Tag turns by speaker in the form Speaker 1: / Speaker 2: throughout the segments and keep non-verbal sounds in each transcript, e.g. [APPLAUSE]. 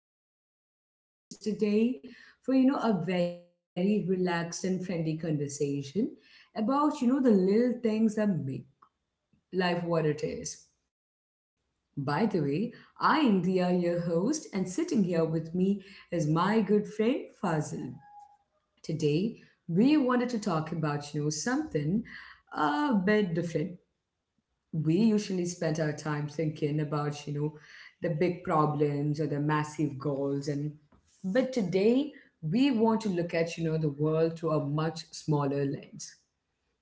Speaker 1: so glad that you're here with us today for a very relaxed and friendly conversation about the little things that make life what it is. By the way, I am Dia, your host, and sitting here with me is my good friend Fazil. Today, we wanted to talk about something a bit different. We usually spend our time thinking about the big problems or the massive goals, and but today we want to look at the world through a much smaller lens.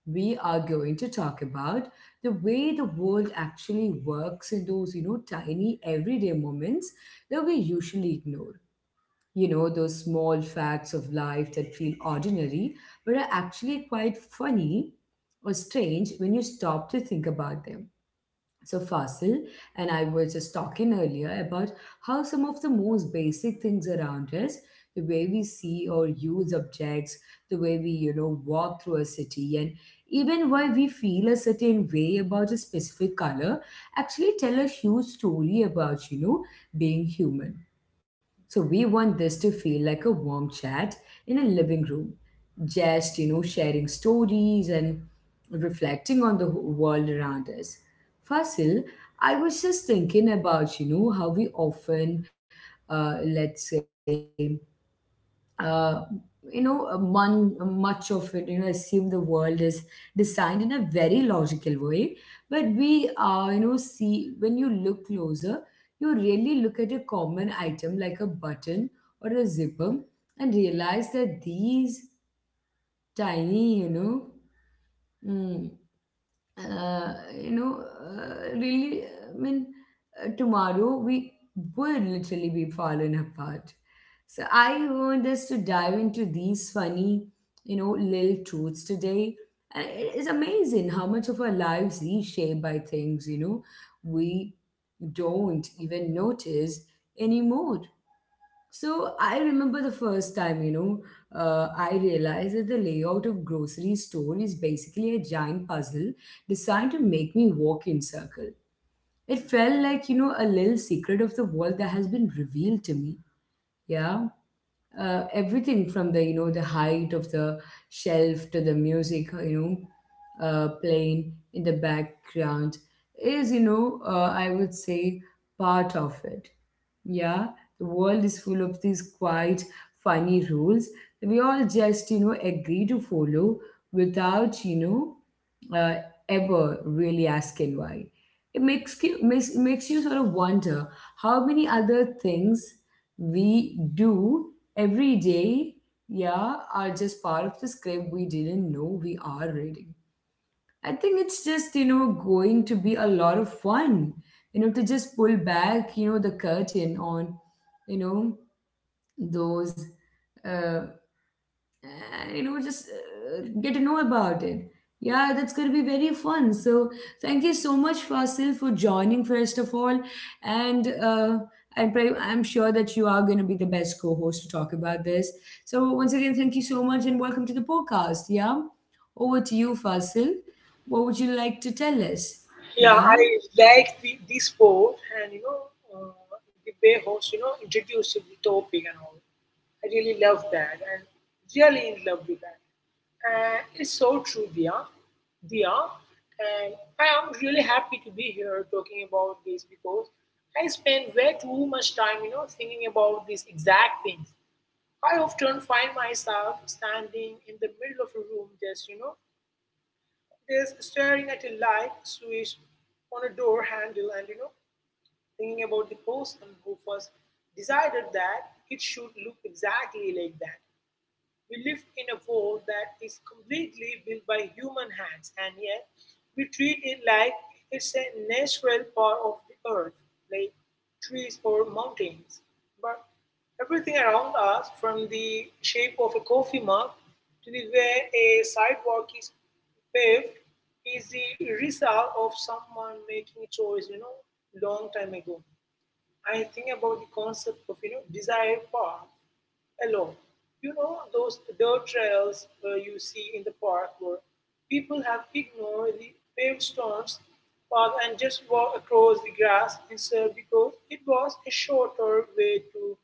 Speaker 1: We are going to talk about the way the world actually works in those tiny everyday moments that we usually ignore, those small facts of life that feel ordinary but are actually quite funny or strange when you stop to think about them. So, Fasil and I were just talking earlier about how some of the most basic things around us, the way we see or use objects, the way we, walk through a city, and even why we feel a certain way about a specific color, actually tell a huge story about, being human. So we want this to feel like a warm chat in a living room, just, sharing stories and reflecting on the world around us. Fasil, I was just thinking about, how we often, let's say, uh, much of it, assume the world is designed in a very logical way. But we, see when you look closer, you really look at a common item like a button or a zipper and realize that these tiny, you know, mm, you know, really, I mean, tomorrow we would literally be falling apart. So I want us to dive into these funny, little truths today. And it is amazing how much of our lives is shaped by things, we don't even notice anymore. So I remember the first time, I realized that the layout of grocery store is basically a giant puzzle designed to make me walk in circle. It felt like, a little secret of the world that has been revealed to me. Yeah. Everything from the height of the shelf to the music, playing in the background is, I would say part of it. Yeah, the world is full of these quite funny rules that we all just, agree to follow without, uh, ever really asking why. It makes you sort of wonder how many other things we do every day, yeah, are just part of the script we didn't know we are reading. I think it's just, going to be a lot of fun, to just pull back, the curtain on, you know, those uh, and you know just get to know about it. Yeah, that's going to be very fun. So thank you so much, Fasil, for joining first of all, and I pray, I'm sure that you are going to be the best co-host to talk about this. So once again, thank you so much and welcome to the podcast. Yeah, over to you, Fasil. What would you like to tell us?
Speaker 2: Yeah, I
Speaker 1: Yeah.
Speaker 2: like the sport and uh, the way host introduced the topic and all. I really love that and really in love with that. And it's so true, Dia. Dia, and I am really happy to be here talking about this because I spend way too much time, you know, thinking about these exact things. I often find myself standing in the middle of a room, just you know, is staring at a light switch on a door handle and thinking about the person who first decided that it should look exactly like that. We live in a world that is completely built by human hands, and yet we treat it like it's a natural part of the earth, like trees or mountains. But everything around us, from the shape of a coffee mug to the way a sidewalk is paved, is the result of someone making a choice, you know, long time ago. I think about the concept of, you know, desired path along. You know those dirt trails you see in the park where people have ignored the paved stones path and just walk across the grass instead because it was a shorter way to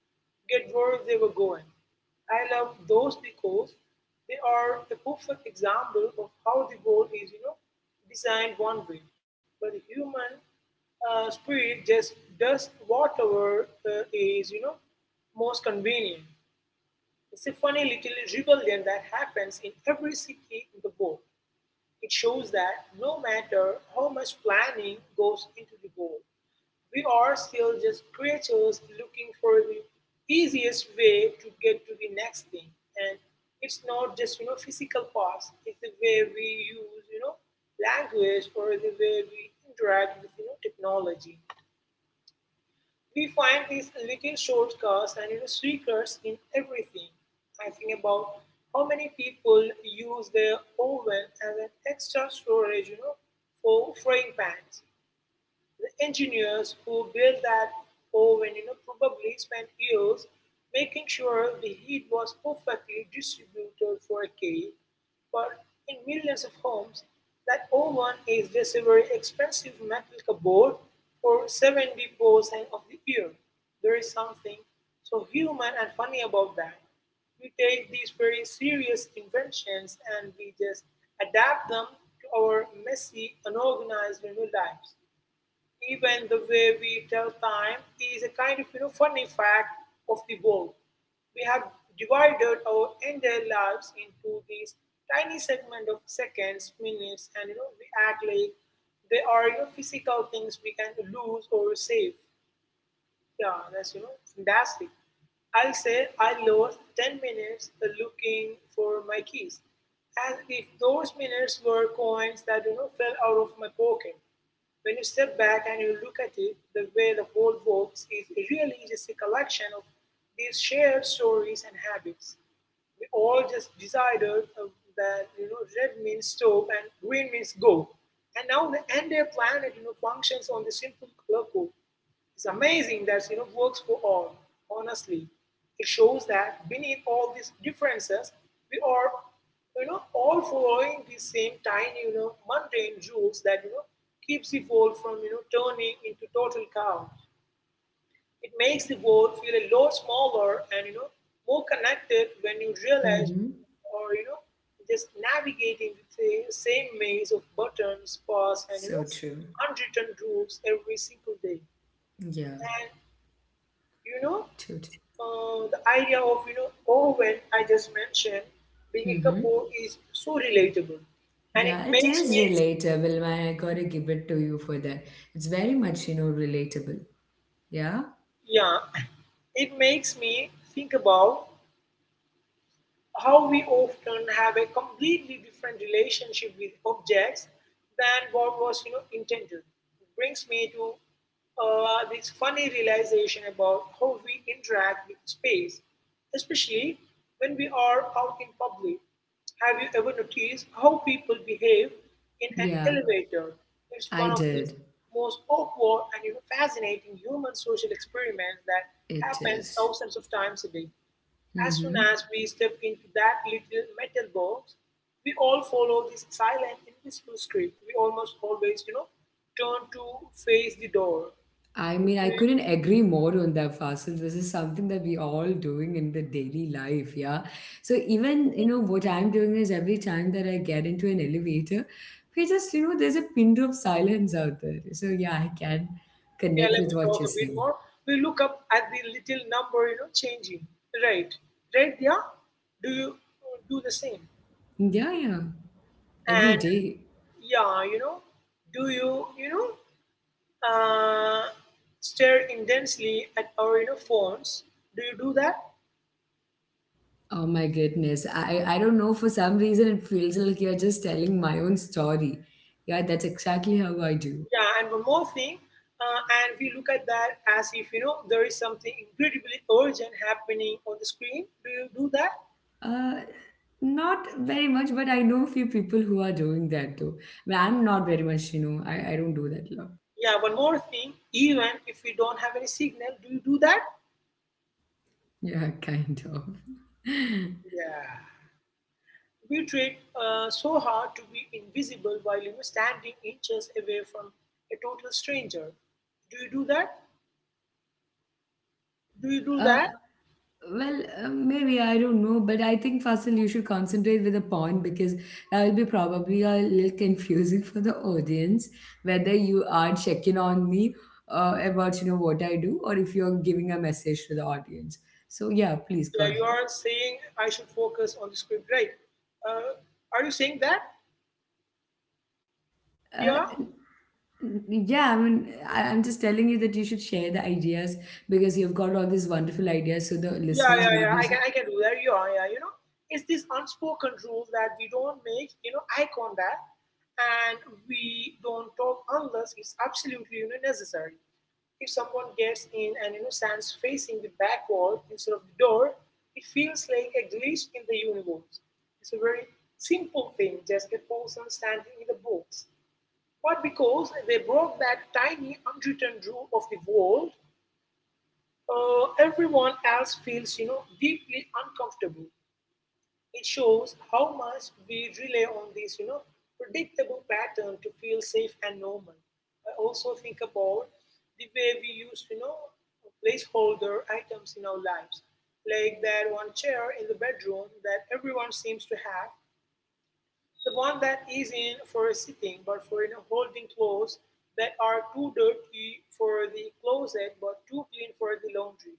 Speaker 2: get where they were going. I love those because they are a perfect example of how the world is, you know, designed one way, but the human spirit just does whatever is, you know, most convenient. It's a funny little rebellion that happens in every city in the book. It shows that no matter how much planning goes into the goal, we are still just creatures looking for the easiest way to get to the next thing. And it's not just physical parts; it's the way we use language or the way we interact with technology. We find these little shortcuts and secrets in everything. I think about how many people use their oven as an extra storage, you know, for frying pans. The engineers who built that oven probably spent years making sure the heat was perfectly distributed for a cake, but in millions of homes, that oven is just a very expensive metal cupboard for 70% of the year. There is something so human and funny about that. We take these very serious inventions and we just adapt them to our messy, unorganized lives. Even the way we tell time is a kind of funny fact of the world. We have divided our entire lives into these tiny segment of seconds, minutes, and we act like they are physical things we can lose or save. Yeah, that's fantastic. I'll say I lost 10 minutes looking for my keys, as if those minutes were coins that fell out of my pocket, when you step back and you look at it, the way the whole works is really just a collection of these shared stories and habits. We all just decided that red means stop and green means go, and now the entire planet functions on the simple clock code. It's amazing that works for all. Honestly, it shows that beneath all these differences, we are all following the same tiny mundane rules that keeps the world from turning into total chaos. It makes the world feel a lot smaller and more connected when you realize
Speaker 1: Mm-hmm.
Speaker 2: or just navigating the same maze of buttons, paths, and
Speaker 1: So true.
Speaker 2: unwritten rules every single day.
Speaker 1: Yeah.
Speaker 2: you know,
Speaker 1: True.
Speaker 2: uh, the idea of, you know, Owen I just mentioned, being a
Speaker 1: Mm-hmm.
Speaker 2: Kapoor is so relatable. And it
Speaker 1: Yeah, it
Speaker 2: makes
Speaker 1: is
Speaker 2: me,
Speaker 1: relatable, man. I gotta give it to you for that. It's very much, relatable. Yeah?
Speaker 2: yeah, it makes me think about how we often have a completely different relationship with objects than what was intended. It brings me to this funny realization about how we interact with space, especially when we are out in public. Have you ever noticed how people behave in an
Speaker 1: Yeah,
Speaker 2: elevator? It's
Speaker 1: I
Speaker 2: one of the
Speaker 1: did.
Speaker 2: most awkward and, you know, fascinating human social experiments that
Speaker 1: It
Speaker 2: happens
Speaker 1: is.
Speaker 2: thousands of times a day. As soon
Speaker 1: Mm-hmm.
Speaker 2: as we step into that little metal box, we all follow this silent, invisible script. We almost always, you know, turn to face the door.
Speaker 1: I mean, I
Speaker 2: We,
Speaker 1: couldn't agree more on that, Fasil. This is something that we all doing in the daily life, yeah? So even, what I'm doing is every time that I get into an elevator, we just, there's a pin drop silence out there. So yeah, I can
Speaker 2: yeah,
Speaker 1: connect
Speaker 2: let
Speaker 1: with
Speaker 2: me
Speaker 1: what
Speaker 2: talk
Speaker 1: you're
Speaker 2: a bit
Speaker 1: saying.
Speaker 2: more. We look up at the little number, you know, changing. Right, right. Yeah, do you do the same?
Speaker 1: Yeah, yeah. Every
Speaker 2: And
Speaker 1: day.
Speaker 2: yeah, do you, uh, stare intensely at our, you know, phones? Do you do that?
Speaker 1: Oh my goodness. I don't know. For some reason, it feels like you're just telling my own story. Yeah, that's exactly how I do.
Speaker 2: Yeah, and one more thing, and we look at that as if there is something incredibly urgent happening on the screen. Do you do that?
Speaker 1: Uh, Not very much, but I know a few people who are doing that though. But I'm not very much, I don't do that a lot.
Speaker 2: Yeah, one more thing, even if we don't have any signal, do you do that?
Speaker 1: Yeah, [LAUGHS] kind of.
Speaker 2: Yeah. We tried so hard to be invisible while standing inches away from a total stranger. Do you do that? Do you do
Speaker 1: Uh,
Speaker 2: that?
Speaker 1: Well, maybe I don't know, but I think Fasil, you should concentrate with the point because that will be probably a little confusing [LAUGHS] for the audience whether you are checking on me about what I do or if you're giving a message to the audience. So yeah, please go
Speaker 2: Yeah, you
Speaker 1: ahead.
Speaker 2: are saying I should focus on the script, right? Uh, are you saying that? Yeah.
Speaker 1: Uh, n- yeah, I mean, I'm just telling you that you should share the ideas because you've got all these wonderful ideas, so the
Speaker 2: Yeah,
Speaker 1: listeners
Speaker 2: yeah,
Speaker 1: will
Speaker 2: yeah.
Speaker 1: be.
Speaker 2: I can, I can do that. Yeah, yeah. You know, it's this unspoken rule that we don't make, you know, eye contact, and we don't talk unless it's absolutely, you know, necessary. If someone gets in and stands facing the back wall instead of the door, it feels like a glitch in the universe. It's a very simple thing, just a person standing in the box. But because they broke that tiny unwritten rule of the world, everyone else feels deeply uncomfortable. It shows how much we rely on this predictable pattern to feel safe and normal. I also think about the way we use placeholder items in our lives, like that one chair in the bedroom that everyone seems to have, the one that is in for a sitting but for in a holding clothes that are too dirty for the closet but too clean for the laundry.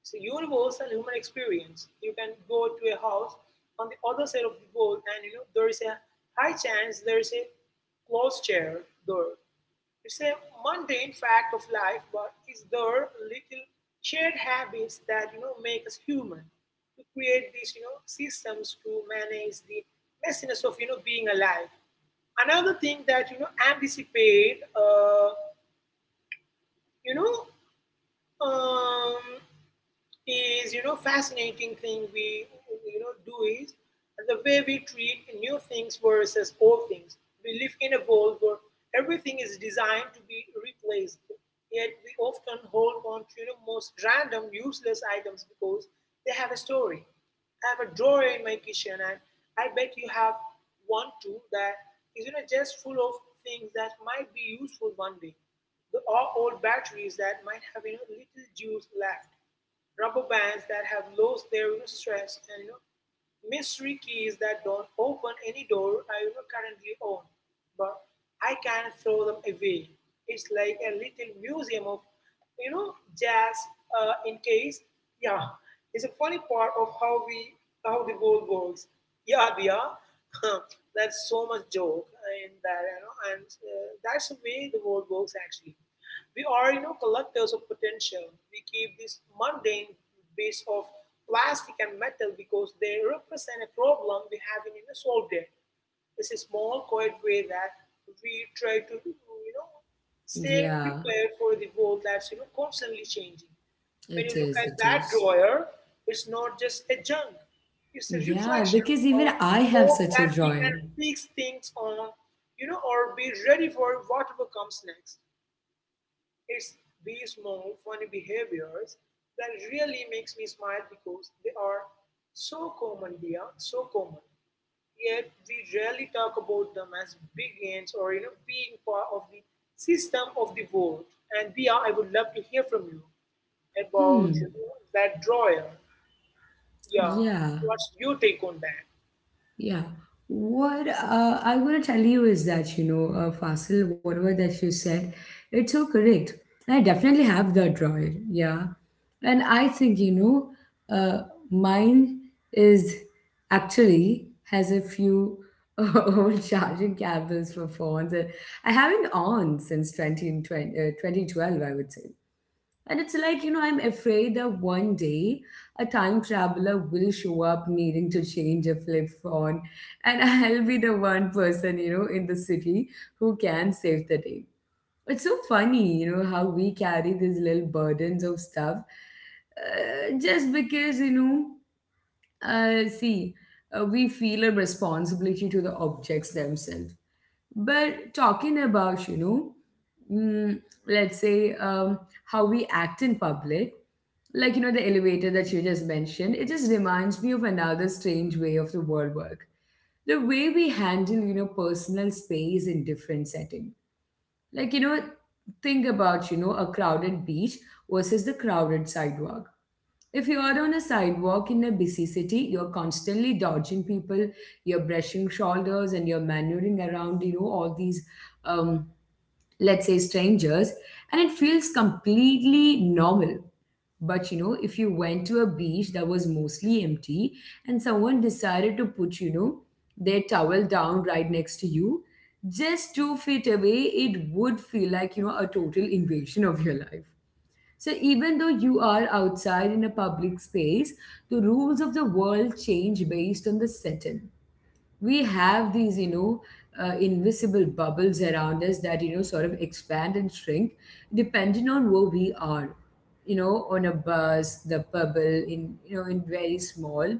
Speaker 2: It's a universal human experience. You can go to a house on the other side of the world and there is a high chance there is a closed chair door. It's a mundane fact of life, but it's their little shared habits that make us human. To create these systems to manage the messiness of being alive. Another thing that anticipate, you know, um, is fascinating thing we do is the way we treat new things versus old things. We live in a world where everything is designed to be replaced, yet we often hold on to most random useless items because they have a story. I have a drawer in my kitchen, and I bet you have one too that is just full of things that might be useful one day. The or old batteries that might have little juice left, rubber bands that have lost their, you know, stretch, and, you know, mystery keys that don't open any door I, you know, currently own, but I can't throw them away. It's like a little museum of, you know, jazz. In case, yeah, it's a funny part of how we how the world works. Yeah, yeah, [LAUGHS] that's so much joke in that, you know, and that's the way the world works actually. We are, you know, collectors of potential. We keep these mundane base of plastic and metal because they represent a problem we haven't, you know, solved yet. It's a small, quiet way that we try to, you know, stay
Speaker 1: Yeah,
Speaker 2: prepared for the world that's, you know, constantly changing. When
Speaker 1: it
Speaker 2: you look
Speaker 1: is.
Speaker 2: at
Speaker 1: It
Speaker 2: that
Speaker 1: is.
Speaker 2: drawer, it's not just a junk. It's a
Speaker 1: Yeah,
Speaker 2: reflection
Speaker 1: because even
Speaker 2: of
Speaker 1: I have
Speaker 2: hope
Speaker 1: such a
Speaker 2: that we can
Speaker 1: drawing.
Speaker 2: fix things on, you know, or be ready for whatever comes next. It's these small funny behaviors that really makes me smile because they are so common, dear, so common. Yet we rarely talk about them as big ends or being part of the system of the world. And Dia, I would love to hear from you about,
Speaker 1: Hmm.
Speaker 2: you know, that drawer. Yeah,
Speaker 1: Yeah.
Speaker 2: what's your take on that?
Speaker 1: Yeah. What I want to tell you is that, Fasil, whatever that you said, it's so correct. And I definitely have that droid. Yeah. And I think, mine is actually has a few [LAUGHS] old charging cables for phones, that I haven't on since 20, twenty, 2012, I would say. And it's like, I'm afraid that one day a time traveler will show up needing to change a flip phone, and [LAUGHS] I'll be the one person, in the city who can save the day. It's so funny, how we carry these little burdens of stuff just because, know, uh, see, we feel a responsibility to the objects themselves. But talking about, mm, let's say how we act in public, like, the elevator that you just mentioned, it just reminds me of another strange way of the world work. The way we handle, personal space in different setting. Like, think about, a crowded beach versus the crowded sidewalk. If you are on a sidewalk in a busy city, you're constantly dodging people, you're brushing shoulders, and you're maneuvering around, all these, um, let's say, strangers, and it feels completely normal. But if you went to a beach that was mostly empty and someone decided to put, their towel down right next to you, just 2 feet away, it would feel like, a total invasion of your life. So even though you are outside in a public space, the rules of the world change based on the setting. We have these, invisible bubbles around us that, sort of expand and shrink depending on where we are. On a bus, the bubble in, in very small.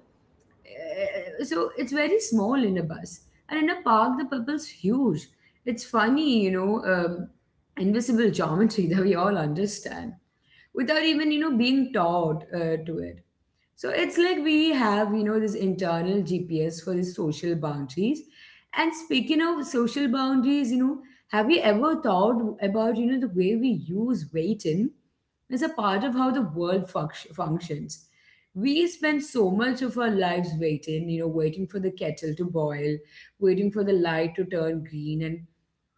Speaker 1: So it's very small in a bus. And in a park, the bubble's huge. It's funny, invisible geometry [LAUGHS] that we all understand without even being taught to it. So it's like we have this internal GPS for the social boundaries. And speaking of social boundaries, have you ever thought about the way we use waiting as a part of how the world functions? We spend so much of our lives waiting, waiting for the kettle to boil, waiting for the light to turn green, and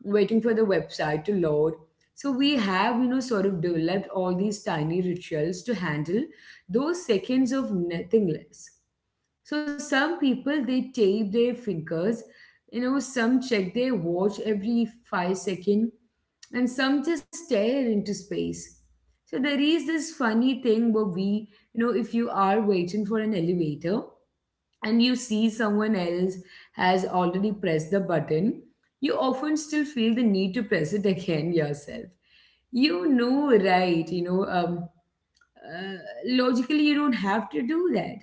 Speaker 1: waiting for the website to load. So we have, sort of developed all these tiny rituals to handle those seconds of nothingness. So some people they tape their fingers, some check their watch every 5 second, and some just stare into space. So there is this funny thing where we, if you are waiting for an elevator, and you see someone else has already pressed the button, you often still feel the need to press it again yourself. Right? Uh, Logically, you don't have to do that.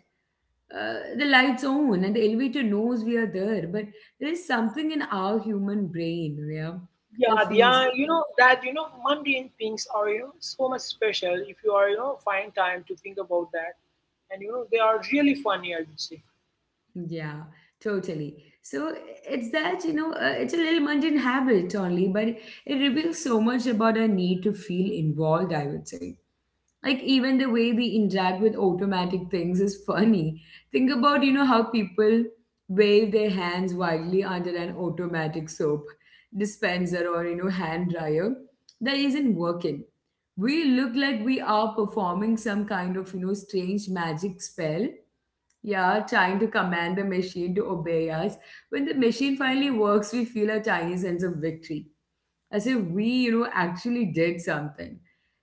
Speaker 1: The lights on and the elevator knows we are there, but there is something in our human brain, yeah,
Speaker 2: Yeah,
Speaker 1: that
Speaker 2: yeah,
Speaker 1: feels,
Speaker 2: you know that mundane things are so much special if you are find time to think about that, and they are really funny. I would say,
Speaker 1: yeah, totally. So it's that it's a little mundane habit only, but it reveals so much about our need to feel involved, I would say. Like even the way we interact with automatic things is funny. Think about, how people wave their hands wildly under an automatic soap dispenser or, hand dryer that isn't working. We look like we are performing some kind of, strange magic spell. Yeah, trying to command the machine to obey us. When the machine finally works, we feel a tiny sense of victory as if we, actually did something.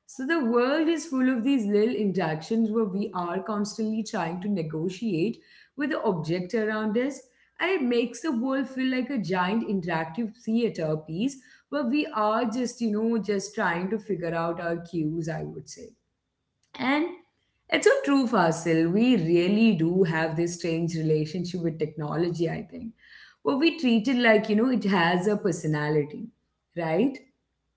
Speaker 1: So the world is full of these little interactions where we are constantly trying to negotiate with the object around us, and it makes the world feel like a giant interactive theater piece where we are just, just trying to figure out our cues, I would say. And it's so true, Fasil. We really do have this strange relationship with technology, I think. Where we treat it like, it has a personality, right?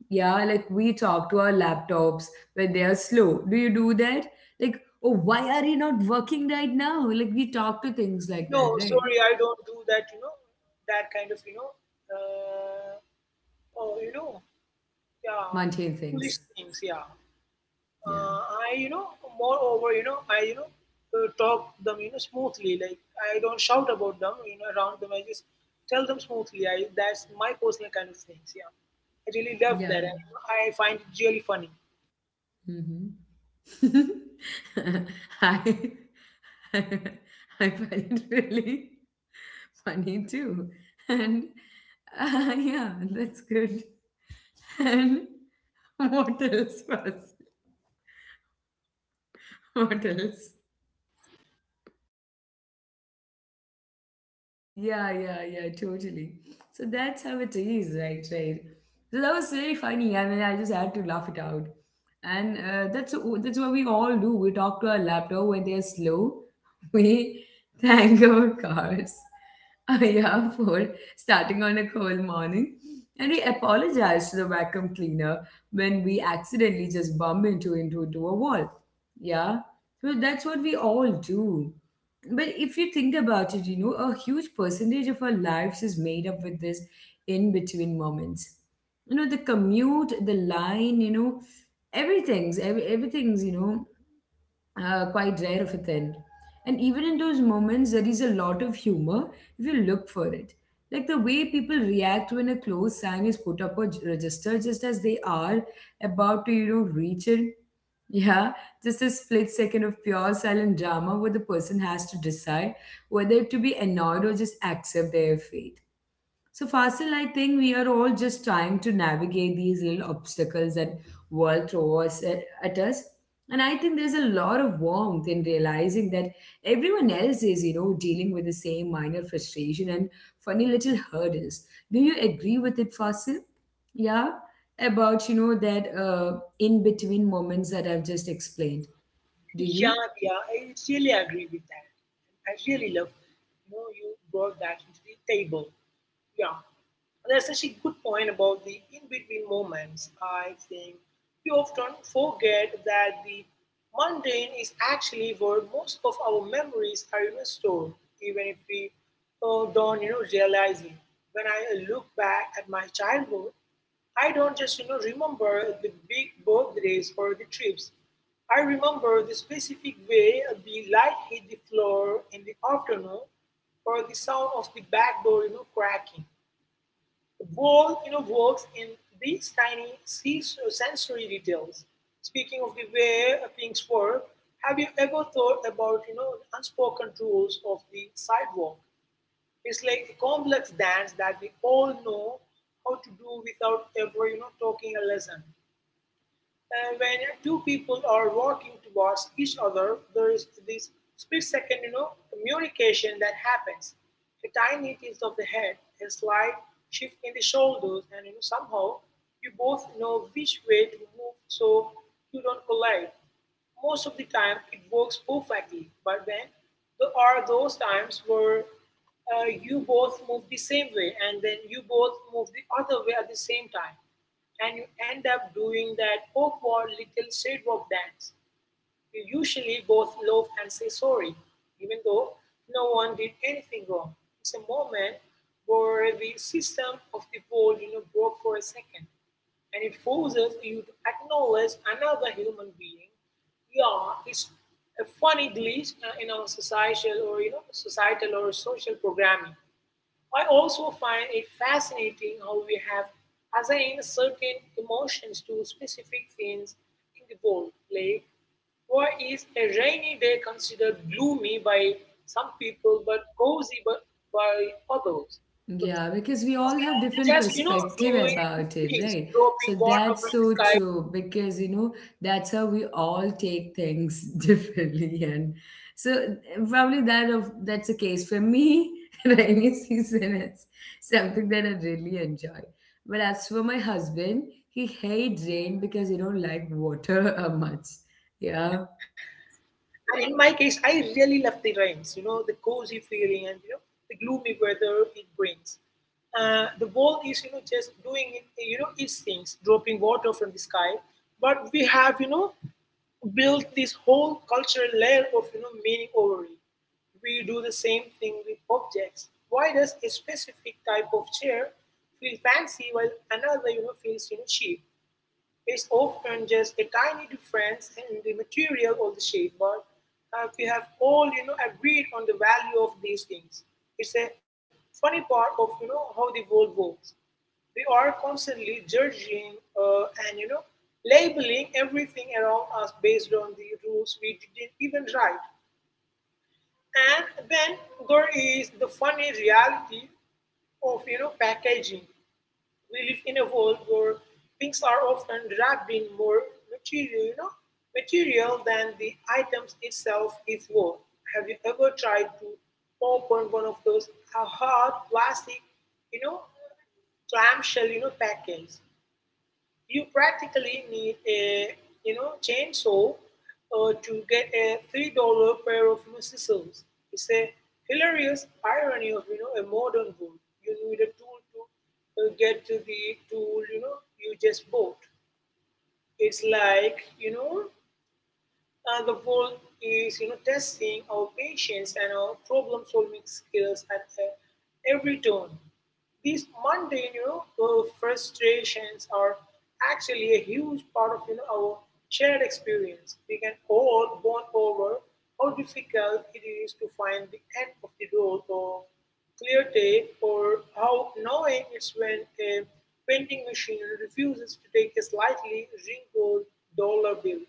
Speaker 1: Yeah, like we talk to our laptops when they are slow. Do you do that? Like, oh, why are you not working right now? Like, we talk to things like that,
Speaker 2: no,
Speaker 1: right?
Speaker 2: sorry, I don't do that. You know that kind of uh, oh, you know, yeah,
Speaker 1: Mundane
Speaker 2: foolish
Speaker 1: things.
Speaker 2: things. Yeah,
Speaker 1: Yeah.
Speaker 2: uh, moreover, talk them, you know, smoothly. Like I don't shout about them, you know, around them. I just tell them smoothly. I that's my personal kind of things. Yeah, I really love
Speaker 1: Yeah.
Speaker 2: that. I find it really funny.
Speaker 1: Hmm. [LAUGHS] I, [LAUGHS] I find it really funny too. And [LAUGHS] yeah, that's good. [LAUGHS] And what else was? What else? Yeah, yeah, yeah, totally. So that's how it is, right? Right. So that was very funny. I mean, I just had to laugh it out, and that's what we all do. We talk to our laptop when they're slow. [LAUGHS] We thank our cars, [LAUGHS] yeah, for starting on a cold morning, and we apologize to the vacuum cleaner when we accidentally just bump into a wall. Yeah. So that's what we all do. But if you think about it, you know, a huge percentage of our lives is made up with this in between moments. You know, the commute, the line, you know, everything's quite rare of a thing. And even in those moments, there is a lot of humor if you look for it. Like the way people react when a close sign is put up or registered, just as they are about to, you know, reach it, yeah, just a split second of pure silent drama where the person has to decide whether to be annoyed or just accept their fate. So, Fasil, I think we are all just trying to navigate these little obstacles that world throws at us. And I think there's a lot of warmth in realizing that everyone else is, you know, dealing with the same minor frustration and funny little hurdles. Do you agree with it, Fasil? Yeah, about, you know, that in between moments that I've just explained. Do
Speaker 2: Yeah,
Speaker 1: you?
Speaker 2: yeah, I really agree with that. I really love, you know, you brought that into the table. Yeah, that's such a good point about the in between moments. I think we often forget that the mundane is actually where most of our memories are stored, even if we don't realize it. When I look back at my childhood, I don't just remember the big birthdays or the trips. I remember the specific way the light hit the floor in the afternoon or the sound of the back door cracking. The ball works in these tiny sensory details. Speaking of the way things work, have you ever thought about unspoken rules of the sidewalk? It's like a complex dance that we all know how to do without ever talking a lesson. And when two people are walking towards each other, there is this split second, communication that happens. A tiny tilt of the head, a slight shift in the shoulders, and somehow you both know which way to move so you don't collide. Most of the time it works perfectly, but then there are those times where you both move the same way and then you both move the other way at the same time. And you end up doing that awkward little sidewalk dance you usually both love and say sorry, even though no one did anything wrong. It's a moment where the system of the world broke for a second, and it forces you to acknowledge another human being. Yeah, it's a funny glitch in our societal or social programming. I also find it fascinating how we have assigned certain emotions to specific things in the world. Like, why is a rainy day considered gloomy by some people but cozy by others? But
Speaker 1: Yeah, because we all have different
Speaker 2: just
Speaker 1: perspective
Speaker 2: doing
Speaker 1: about it,
Speaker 2: things,
Speaker 1: right? So
Speaker 2: dropping water
Speaker 1: that's
Speaker 2: from the
Speaker 1: so
Speaker 2: sky.
Speaker 1: true because you know that's how we all take things [LAUGHS] differently, and so probably that of that's the case for me. [LAUGHS] Rainy season is something that I really enjoy, but as for my husband, he hates rain because he don't like water [LAUGHS] much. Yeah.
Speaker 2: And in my case, I really love the rains, you know, the cozy feeling and, you know, the gloomy weather it brings. The wall is, you know, just doing, it, you know, its things, dropping water from the sky. But we have, you know, built this whole cultural layer of, you know, meaning over it. We do the same thing with objects. Why does a specific type of chair feel fancy while another, you know, feels, you know, cheap? It's often just a tiny difference in the material or the shape, but we have all agreed on the value of these things. It's a funny part of how the world works. We are constantly judging and labeling everything around us based on the rules we didn't even write. And then there is the funny reality of packaging. We live in a world where things are often wrapped in more material, than the items itself is worth. Have you ever tried to open one of those hard plastic, you know, clamshell, you know, packets? You practically need a chainsaw to get a $3 pair of scissors. It's a hilarious irony of a modern world. You need a tool to get to the tool you just bought. It's like the world is testing our patience and our problem solving skills at every turn. These mundane frustrations are actually a huge part of our shared experience. We can all bond over how difficult it is to find the end of the road or clear tape, or how annoying it's when a vending machine refuses to take a slightly wrinkled dollar bill.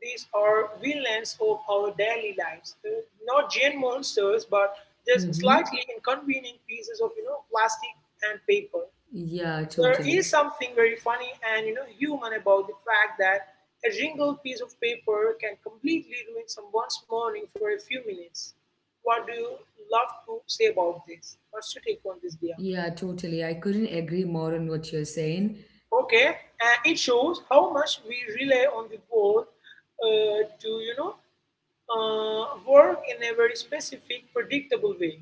Speaker 2: These are villains of our daily lives, not giant monsters, but just
Speaker 1: Mm-hmm.
Speaker 2: slightly inconvenient pieces of plastic and paper.
Speaker 1: Yeah,
Speaker 2: There is
Speaker 1: totally.
Speaker 2: something very funny and human about the fact that a wrinkled piece of paper can completely ruin someone's morning for a few minutes. What do you love to say about this? What's your take on this, Dia?
Speaker 1: Yeah, totally. I couldn't agree more on what you're saying.
Speaker 2: Okay, and it shows how much we rely on the board to, you know, work in a very specific, predictable way,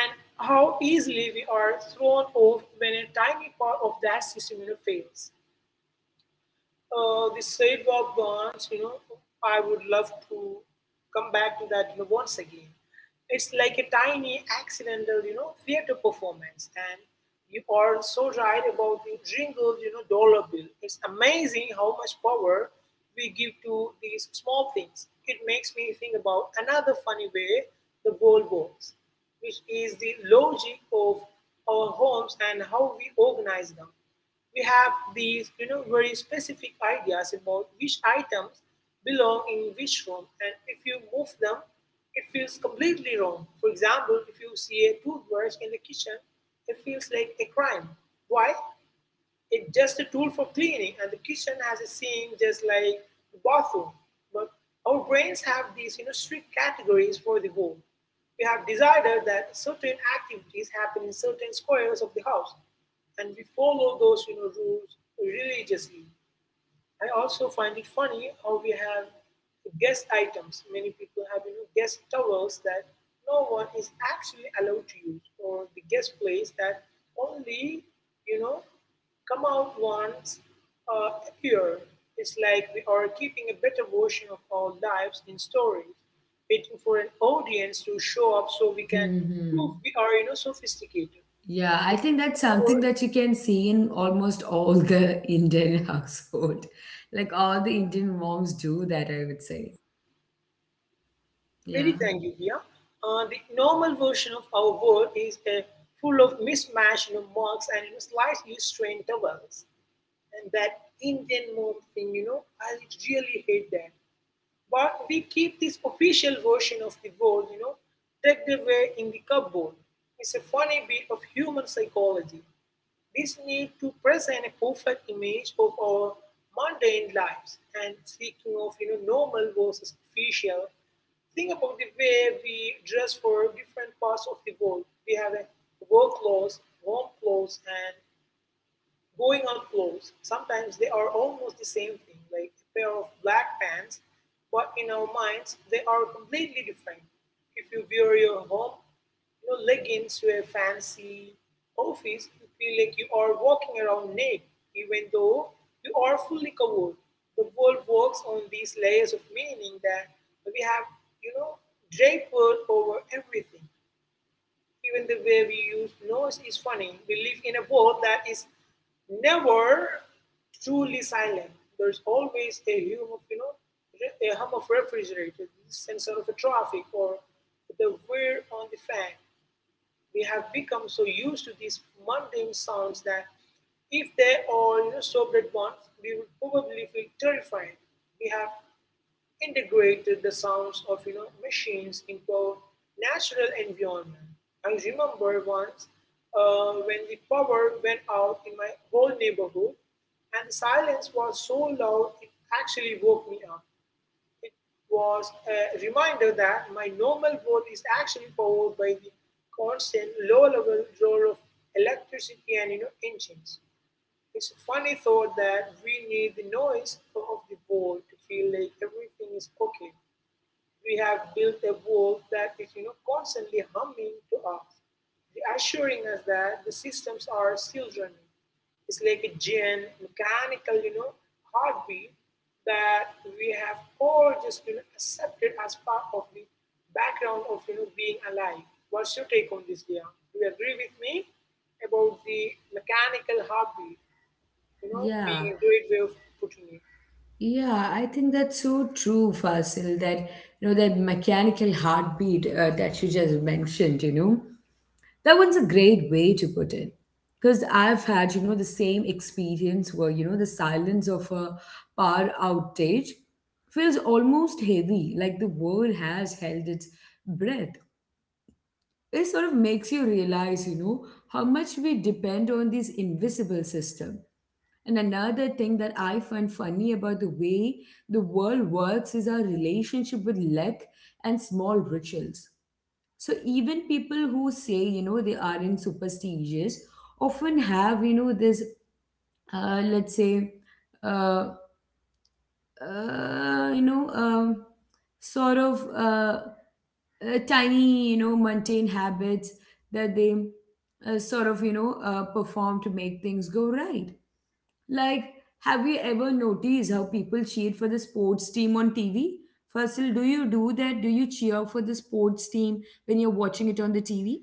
Speaker 2: and how easily we are thrown off when a tiny part of that system fails. The sidewalk burns, you know, I would love to come back to that you know, once again. It's like a tiny accidental, you know, theater performance. And you are so right about the jingle, you know, dollar bill. It's amazing how much power we give to these small things. It makes me think about another funny way the world works, which is the logic of our homes and how we organize them. We have these, you know, very specific ideas about which items belong in which room, and if you move them, it feels completely wrong. For example, if you see a toothbrush in the kitchen, it feels like a crime. Why? It's just a tool for cleaning, and the kitchen has a sink just like the bathroom. But our brains have these you know, strict categories for the home. We have decided that certain activities happen in certain squares of the house, and we follow those you know, rules religiously. I also find it funny how we have guest items. Many people have you know, guest towels that no one is actually allowed to use, or the guest plates that only you know come out once appear. It's like we are keeping a better version of our lives in storage, waiting for an audience to show up so we can
Speaker 1: Mm-hmm.
Speaker 2: prove we are sophisticated.
Speaker 1: Yeah, I think that's something that you can see in almost all the [LAUGHS] Indian household. Like all the Indian moms do that, I would say. Yeah.
Speaker 2: Very thank you, Dia. The normal version of our world is full of mismatched you know, marks and you know, slightly strained vowels. And that Indian mom thing, you know, I really hate that. But we keep this official version of the world, you know, tucked away in the cupboard. It's a funny bit of human psychology. This need to present a perfect image of our mundane lives. And speaking of normal versus official, think about the way we dress for different parts of the world. We have a work clothes, warm clothes, and going on clothes. Sometimes they are almost the same thing, like a pair of black pants, but in our minds, they are completely different. If you wear your home you know, leggings to a fancy office, you feel like you are walking around naked, even though you are fully covered. The world works on these layers of meaning that we have, you know, draped over everything. Even the way we use noise is funny. We live in a world that is never truly silent. There's always a hum of, refrigerator, the sensor of a traffic, or the whir on the fan. We have become so used to these mundane sounds that if they all you know, sobbed at once, we would probably feel terrified. We have integrated the sounds of machines into our natural environment. I remember once when the power went out in my whole neighborhood, and the silence was so loud it actually woke me up. It was a reminder that my normal world is actually powered by the constant low-level roar of electricity and engines. It's a funny thought that we need the noise of the world to feel like everything is okay. We have built a wall that is you know, constantly humming to us, assuring us that the systems are still running. It's like a gin, mechanical, you know, heartbeat that we have all just you know, accepted as part of the background of you know, being alive. What's your take on this, Dia? Do you agree with me about the mechanical heartbeat, you know,
Speaker 1: Yeah.
Speaker 2: being a great way of putting it?
Speaker 1: Yeah, I think that's so true, Fasil, that you know that mechanical heartbeat that you just mentioned, you know. That one's a great way to put it. Because I've had, you know, the same experience where, you know, the silence of a power outage feels almost heavy, like the world has held its breath. It sort of makes you realize, you know, how much we depend on this invisible system. And another thing that I find funny about the way the world works is our relationship with luck and small rituals. So even people who say, you know, they aren't superstitious often have, you know, this, let's say, uh, you know, sort of tiny, you know, mundane habits that they sort of, you know, perform to make things go right. Like, have you ever noticed how people cheer for the sports team on TV? First, do you do that? Do you cheer for the sports team when you're watching it on the TV?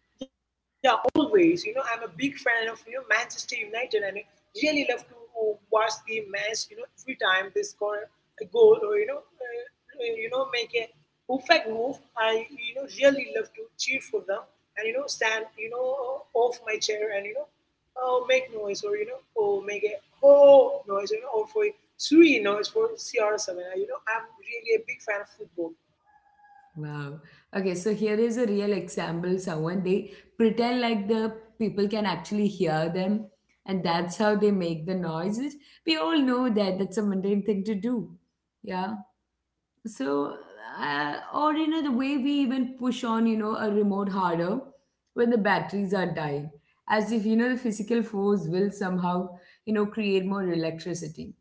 Speaker 2: Yeah, always. You know, I'm a big fan of Manchester United, and I really love to watch the match. You know, every time they score a goal or make a perfect move, I really love to cheer for them and stand you know off my chair and make noise or make a oh noise you know or for three noise for CR7. You know, I'm really a big fan of football.
Speaker 1: Wow. Okay, so here is a real example. Someone they pretend like the people can actually hear them, and that's how they make the noises. We all know that that's a mundane thing to do. Yeah. So, or you know, the way we even push on, you know, a remote harder when the batteries are dying, as if you know the physical force will somehow, you know, create more electricity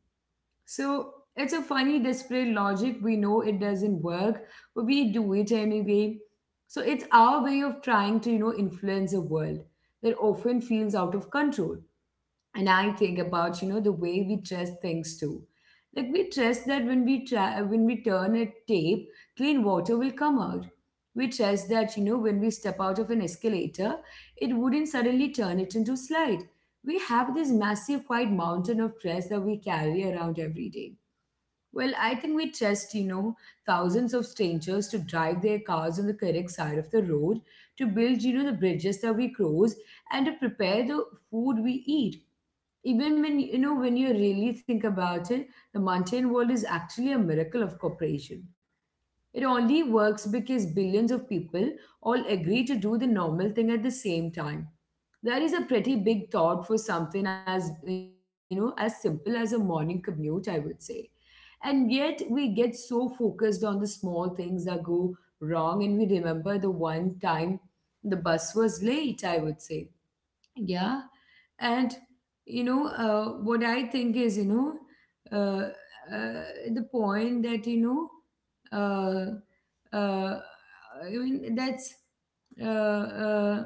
Speaker 1: so it's a funny, desperate logic. We know it doesn't work, but we do it anyway. So it's our way of trying to, you know, influence a world that often feels out of control. And I think about, you know, the way we dress things too. Like we trust that when we try, when we turn a tape, clean water will come out. We trust that, you know, when we step out of an escalator, it wouldn't suddenly turn it into slide. We have this massive white mountain of stress that we carry around every day. Well, I think we trust, you know, thousands of strangers to drive their cars on the correct side of the road, to build, you know, the bridges that we cross, and to prepare the food we eat. Even when, you know, When you really think about it, the mountain world is actually a miracle of cooperation. It only works because billions of people all agree to do the normal thing at the same time. That is a pretty big thought for something as, you know, as simple as a morning commute, I would say. And yet we get so focused on the small things that go wrong and we remember the one time the bus was late, I would say. Yeah. And, you know, what I think is, you know, uh, uh, the point that, you know, I mean, that's, uh, uh,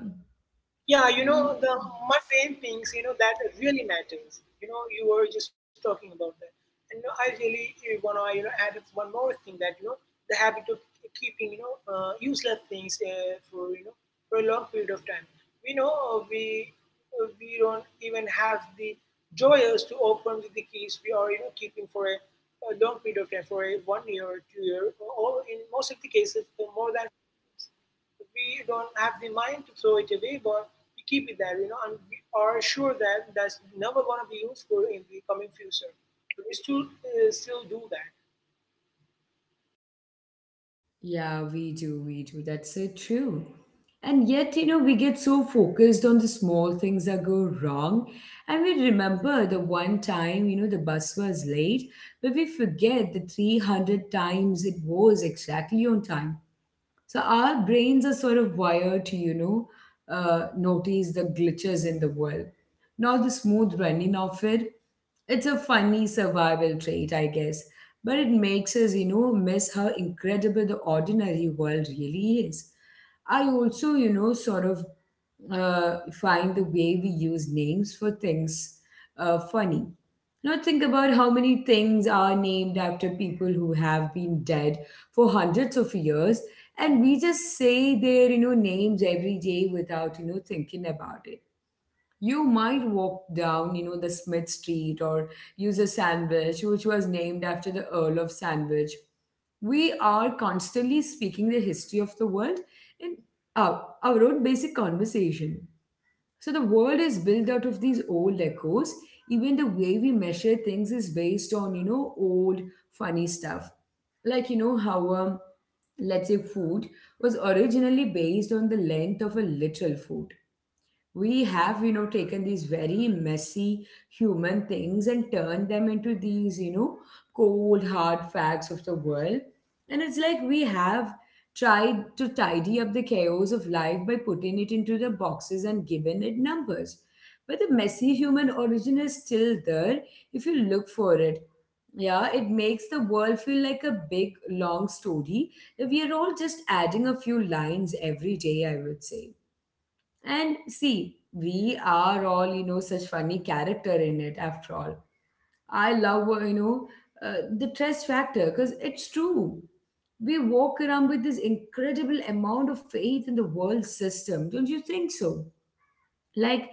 Speaker 2: Yeah, you know,
Speaker 1: mm,
Speaker 2: the mundane things, you know, that really matters. You know, you were just talking about that. And you know, I really want to, you know, add up one more thing, that, you know, the habit of keeping, useless things for, you know, for a long period of time. We know uh, we, we don't even have the joyers to open with the keys we are, you know, keeping for a long period of time, for a 1 year, 2 year, or in most of the cases, for more than we don't have the mind to throw it away, but we keep it there, you know, and we are sure that that's never going to be useful in the coming future. But we still do that.
Speaker 1: Yeah, we do, we do. That's so true. And yet, you know, we get so focused on the small things that go wrong. And we remember the one time, you know, the bus was late, but we forget the 300 times it was exactly on time. So our brains are sort of wired to, you know, notice the glitches in the world, not the smooth running of it. It's a funny survival trait, I guess, but it makes us, you know, miss how incredible the ordinary world really is. I also, you know, sort of find the way we use names for things funny. Now, think about how many things are named after people who have been dead for hundreds of years, and we just say their you know names every day without you know thinking about it. You might walk down you know the Smith Street or use a sandwich, which was named after the Earl of Sandwich. We are constantly speaking the history of the world in our own basic conversation. So the world is built out of these old echoes. Even the way we measure things is based on, you know, old funny stuff. Like, you know, how, let's say, food was originally based on the length of a literal food. We have you know taken these very messy human things and turned them into these you know cold hard facts of the world, and it's like we have tried to tidy up the chaos of life by putting it into the boxes and given it numbers, but the messy human origin is still there if you look for it. Yeah, it makes the world feel like a big long story that we are all just adding a few lines every day, I would say. And see, we are all, you know, such funny character in it after all. I love, you know, the trust factor because it's true. We walk around with this incredible amount of faith in the world system, don't you think so? Like,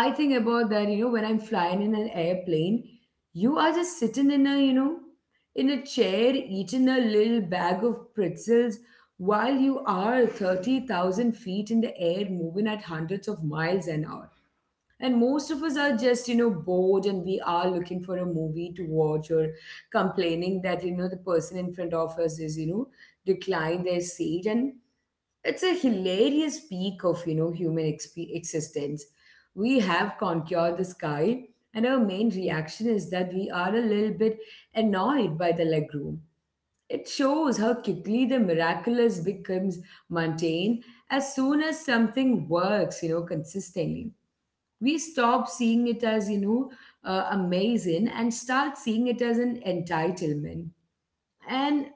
Speaker 1: I think about that you know when I'm flying in an airplane. You are just sitting in a you know in a chair eating a little bag of pretzels while you are 30,000 feet in the air moving at hundreds of miles an hour, and most of us are just you know bored and we are looking for a movie to watch or complaining that you know the person in front of us is you know declined their seat, and it's a hilarious peak of you know existence. We have conquered the sky, and our main reaction is that we are a little bit annoyed by the legroom. It shows how quickly the miraculous becomes mundane as soon as something works, you know, consistently. We stop seeing it as, amazing and start seeing it as an entitlement, and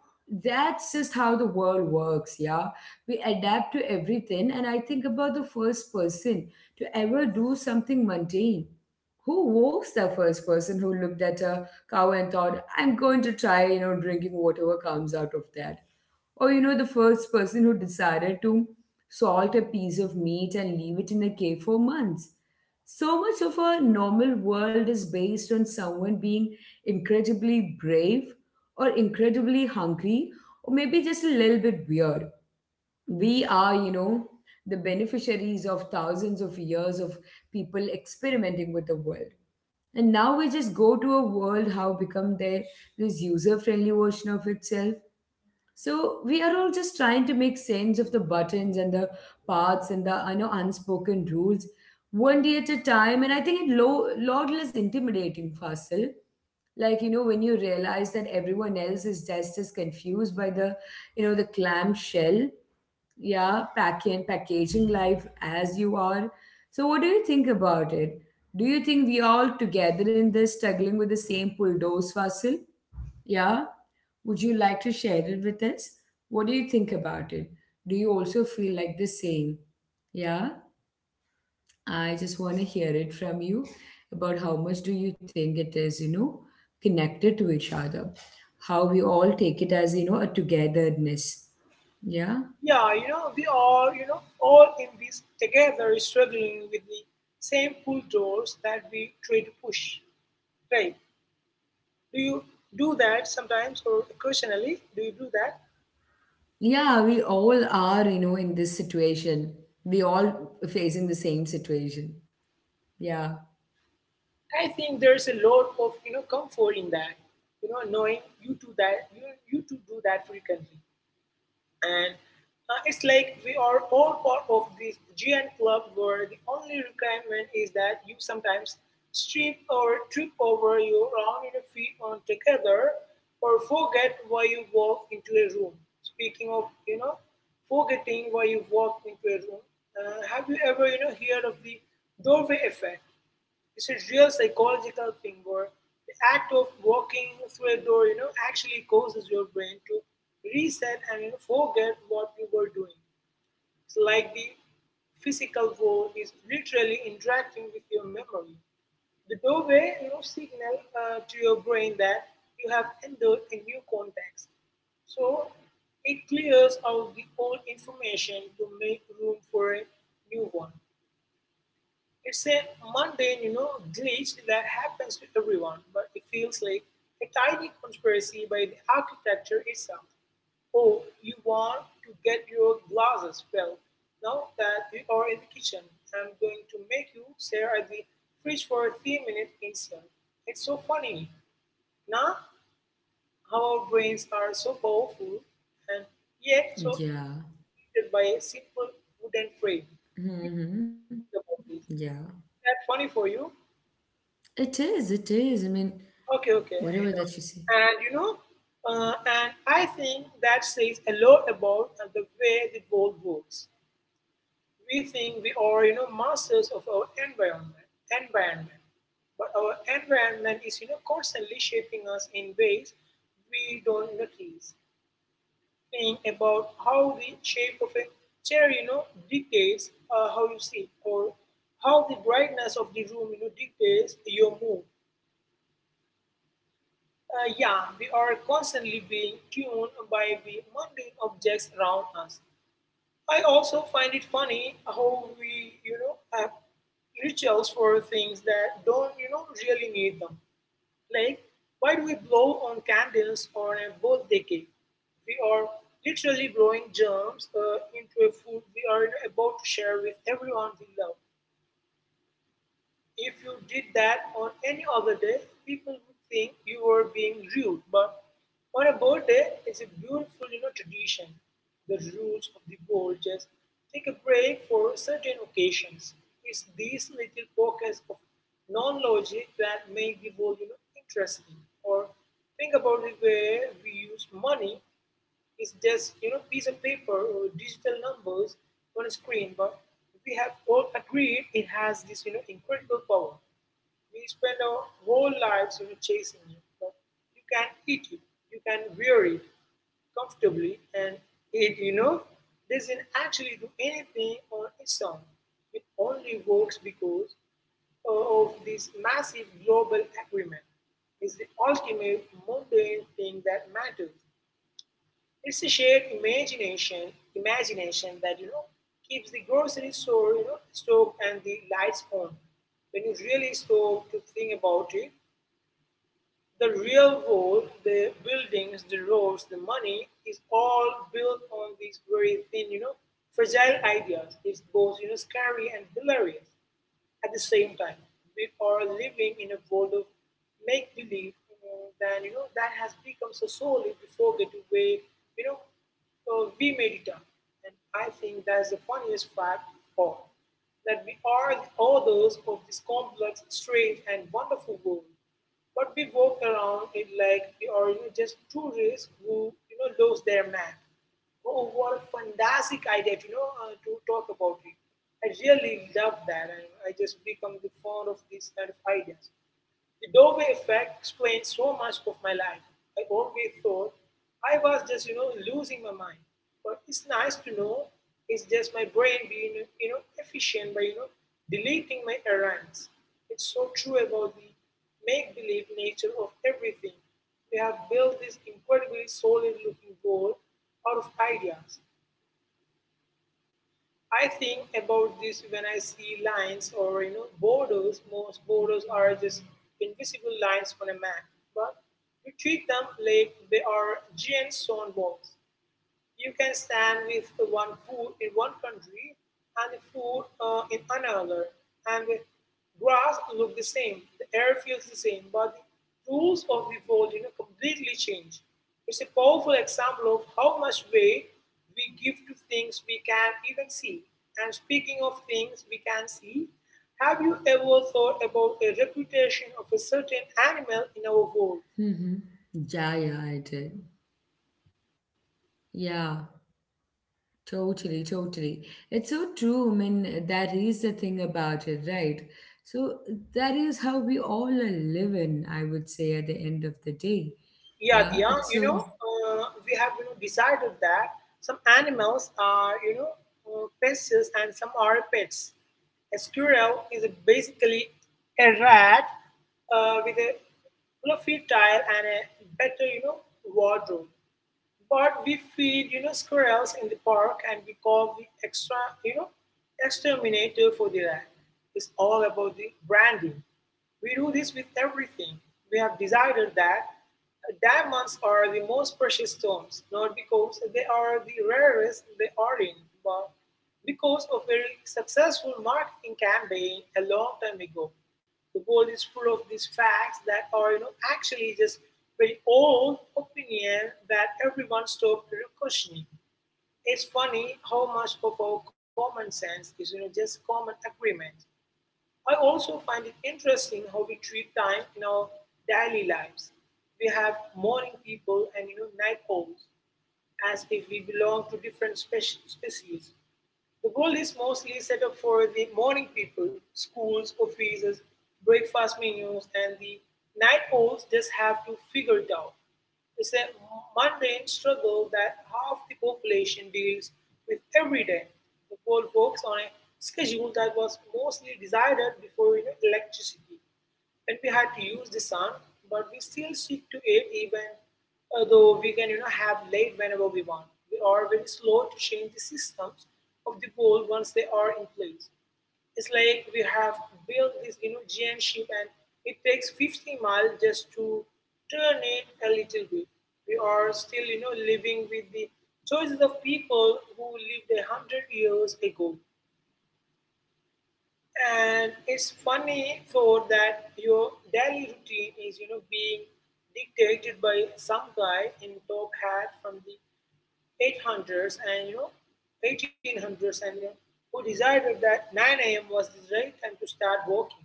Speaker 1: that's just how the world works. Yeah, we adapt to everything. And I think about the first person to ever do something mundane. Who was the first person who looked at a cow and thought, I'm going to try, drinking whatever comes out of that? Or, the first person who decided to salt a piece of meat and leave it in a cave for months. So much of our normal world is based on someone being incredibly brave or incredibly hungry, or maybe just a little bit weird. We are, the beneficiaries of thousands of years of people experimenting with the world. And now we just go to a world how become there, this user friendly version of itself. So we are all just trying to make sense of the buttons and the paths and the I know unspoken rules one day at a time, and I think it lo lot less intimidating, Fasil. Like, you know, when you realize that everyone else is just as confused by the, the clamshell, yeah, pack and packaging life as you are. So what do you think about it? Do you think we all together in this struggling with the same bulldoze, Fasil? Yeah. Would you like to share it with us? What do you think about it? Do you also feel like the same? Yeah, I just want to hear it from you about how much do you think it is, connected to each other. How we all take it as, a togetherness. Yeah.
Speaker 2: Yeah, you know, we are, you know, all in this together, struggling with the same pull doors that we try to push. Right? Do you do that sometimes, or occasionally? Do you do that?
Speaker 1: Yeah, we all are, in this situation. We all facing the same situation. Yeah.
Speaker 2: I think there's a lot of you know comfort in that. You know, knowing you do that, you to do that frequently. And it's like we are all part of this giant club where the only requirement is that you sometimes strip or trip over your own feet on together or forget why you walk into a room. Speaking of, you know, forgetting why you walk into a room, have you ever, you know, heard of the doorway effect? It's a real psychological thing where the act of walking through a door, you know, actually causes your brain to reset and you know, forget what you were doing. It's like the physical world is literally interacting with your memory. The doorway, you know, signal to your brain that you have entered a new context. So it clears out the old information to make room for a new one. It's a mundane, you know, glitch that happens to everyone, but it feels like a tiny conspiracy by the architecture itself. Oh, you want to get your glasses? Well, now that you are in the kitchen, I'm going to make you stare at the fridge for a few minutes instead. It's so funny. Now, how our brains are so powerful and yet so
Speaker 1: Yeah.
Speaker 2: limited by a simple wooden frame. You
Speaker 1: Hmm.
Speaker 2: think
Speaker 1: Yeah.
Speaker 2: about this. Is that funny for you?
Speaker 1: It is, it is. I mean,
Speaker 2: Okay, okay, I
Speaker 1: whatever
Speaker 2: know.
Speaker 1: that you say.
Speaker 2: And you know, and I think that says a lot about the way the world works. We think we are, you know, masters of our environment, but our environment is, you know, constantly shaping us in ways we don't notice. Think about how the shape of a chair, you know, dictates how you sit, or how the brightness of the room, you know, dictates your mood. Yeah, we are constantly being tuned by the mundane objects around us. I also find it funny how we, you know, have rituals for things that don't, you know, really need them. Like, why do we blow on candles on a birthday cake? We are literally blowing germs into a food we are about to share with everyone we love. If you did that on any other day, people would think you were being rude, but on a birthday, it's a beautiful, you know, tradition. The rules of the world just take a break for certain occasions. It's these little pockets of non-logic that make the world, you know, interesting. Or think about the way we use money. It's just you know piece of paper or digital numbers on a screen, but we have all agreed it has this you know incredible power. We spend our whole lives you know chasing it, but you can eat it, you can wear it comfortably, and it you know doesn't actually do anything on its own. It only works because of this massive global agreement. It's the ultimate mundane thing that matters. It's a shared imagination that you know keeps the grocery store, you know, stove and the lights on. When you really stop to think about it, the real world, the buildings, the roads, the money is all built on these very thin, you know, fragile ideas. It's both, you know, scary and hilarious. At the same time, we are living in a world of make believe than you know that has become so solid we forget the way you know we made it up. And I think that's the funniest fact of all that we are the authors of this complex, strange, and wonderful world. But we walk around it like we are you know, just tourists who you know lose their map. Oh, what a fantastic idea to you know to talk about it. I really love that. I just become the fond of these kind of ideas. The doorway effect explains so much of my life. I always thought I was just, you know, losing my mind. But it's nice to know it's just my brain being, you know, efficient by, you know, deleting my errands. It's so true about the make-believe nature of everything. We have built this incredibly solid-looking world out of ideas. I think about this when I see lines or you know borders. Most borders are just invisible lines on a map, but we treat them like they are giant stone walls. You can stand with one foot in one country and the foot in another, and the grass look the same, the air feels the same, but the rules of the world, you know, completely change. It's a powerful example of how much weight we give to things we can't even see. And speaking of things we can see, have you ever thought about the reputation of a certain animal in our world?
Speaker 1: Mm-hmm. Yeah, yeah, I did. Yeah, totally, totally. It's so true. I mean, that is the thing about it, right? So that is how we all are living, I would say, at the end of the day.
Speaker 2: Yeah,
Speaker 1: Yeah,
Speaker 2: Diya,
Speaker 1: it's
Speaker 2: you know,
Speaker 1: so,
Speaker 2: we have you know, decided that some animals are, you know, pests and some are pets. A squirrel is basically a rat with a fluffy tail and a better, you know, wardrobe. But we feed, you know, squirrels in the park and we call the extra, you know, exterminator for the rat. It's all about the branding. We do this with everything. We have decided that diamonds are the most precious stones, not because they are the rarest they are in, but because of very successful marketing campaign a long time ago. The world is full of these facts that are you know actually just very old opinion that everyone stopped questioning. It's funny how much of our common sense is you know just common agreement. I also find it interesting how we treat time in our daily lives. We have morning people and you know night owls as if we belong to different species. The world is mostly set up for the morning people, schools, offices, breakfast menus, and the night owls just have to figure it out. It's a mundane struggle that half the population deals with every day. The world works on a schedule that was mostly decided before you know, electricity. And we had to use the sun, but we still stick to it even though we can you know have light whenever we want. We are very slow to change the systems of the world once they are in place. It's like we have built this you know giant ship and it takes 50 miles just to turn it a little bit. We are still you know living with the choices of people who lived 100 years ago. And it's funny for that your daily routine is, you know, being dictated by some guy in top hat from the 800s and, you know, 1800s and, you know, who decided that 9 a.m. was the right time to start walking.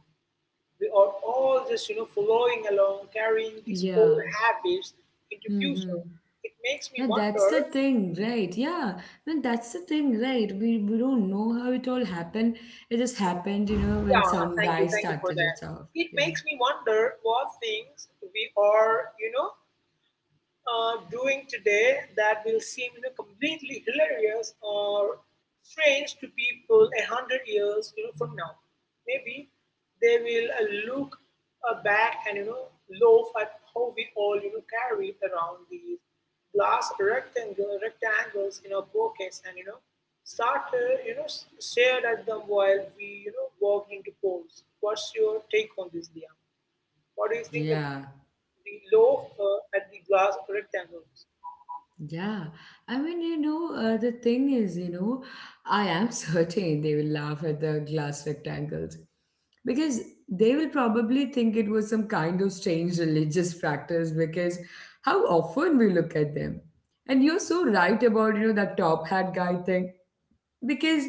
Speaker 2: We are all just, you know, following along, carrying these
Speaker 1: yeah.
Speaker 2: old habits into
Speaker 1: Mm-hmm.
Speaker 2: future. It makes
Speaker 1: Yeah,
Speaker 2: me
Speaker 1: that's
Speaker 2: wonder,
Speaker 1: the thing, right? Yeah, I mean, that's the thing, right? We don't know how it all happened. It just happened, you know, when
Speaker 2: yeah,
Speaker 1: some guy
Speaker 2: thank you for
Speaker 1: started
Speaker 2: that.
Speaker 1: it off.
Speaker 2: It
Speaker 1: Yeah.
Speaker 2: makes me wonder what things we are, you know, doing today that will seem you know, completely hilarious or strange to people 100 years. Maybe they will look back and you know laugh at how we all you know carry around these glass rectangles in our pockets and you know start stared at them while we you know walked into polls. What's your take on this, Dia? What do you think about
Speaker 1: Yeah.
Speaker 2: the loaf at the glass rectangles?
Speaker 1: Yeah, I mean, the thing is, you know, I am [LAUGHS] certain they will laugh at the glass rectangles because they will probably think it was some kind of strange religious practice because how often we look at them. And you're so right about, you know, that top hat guy thing because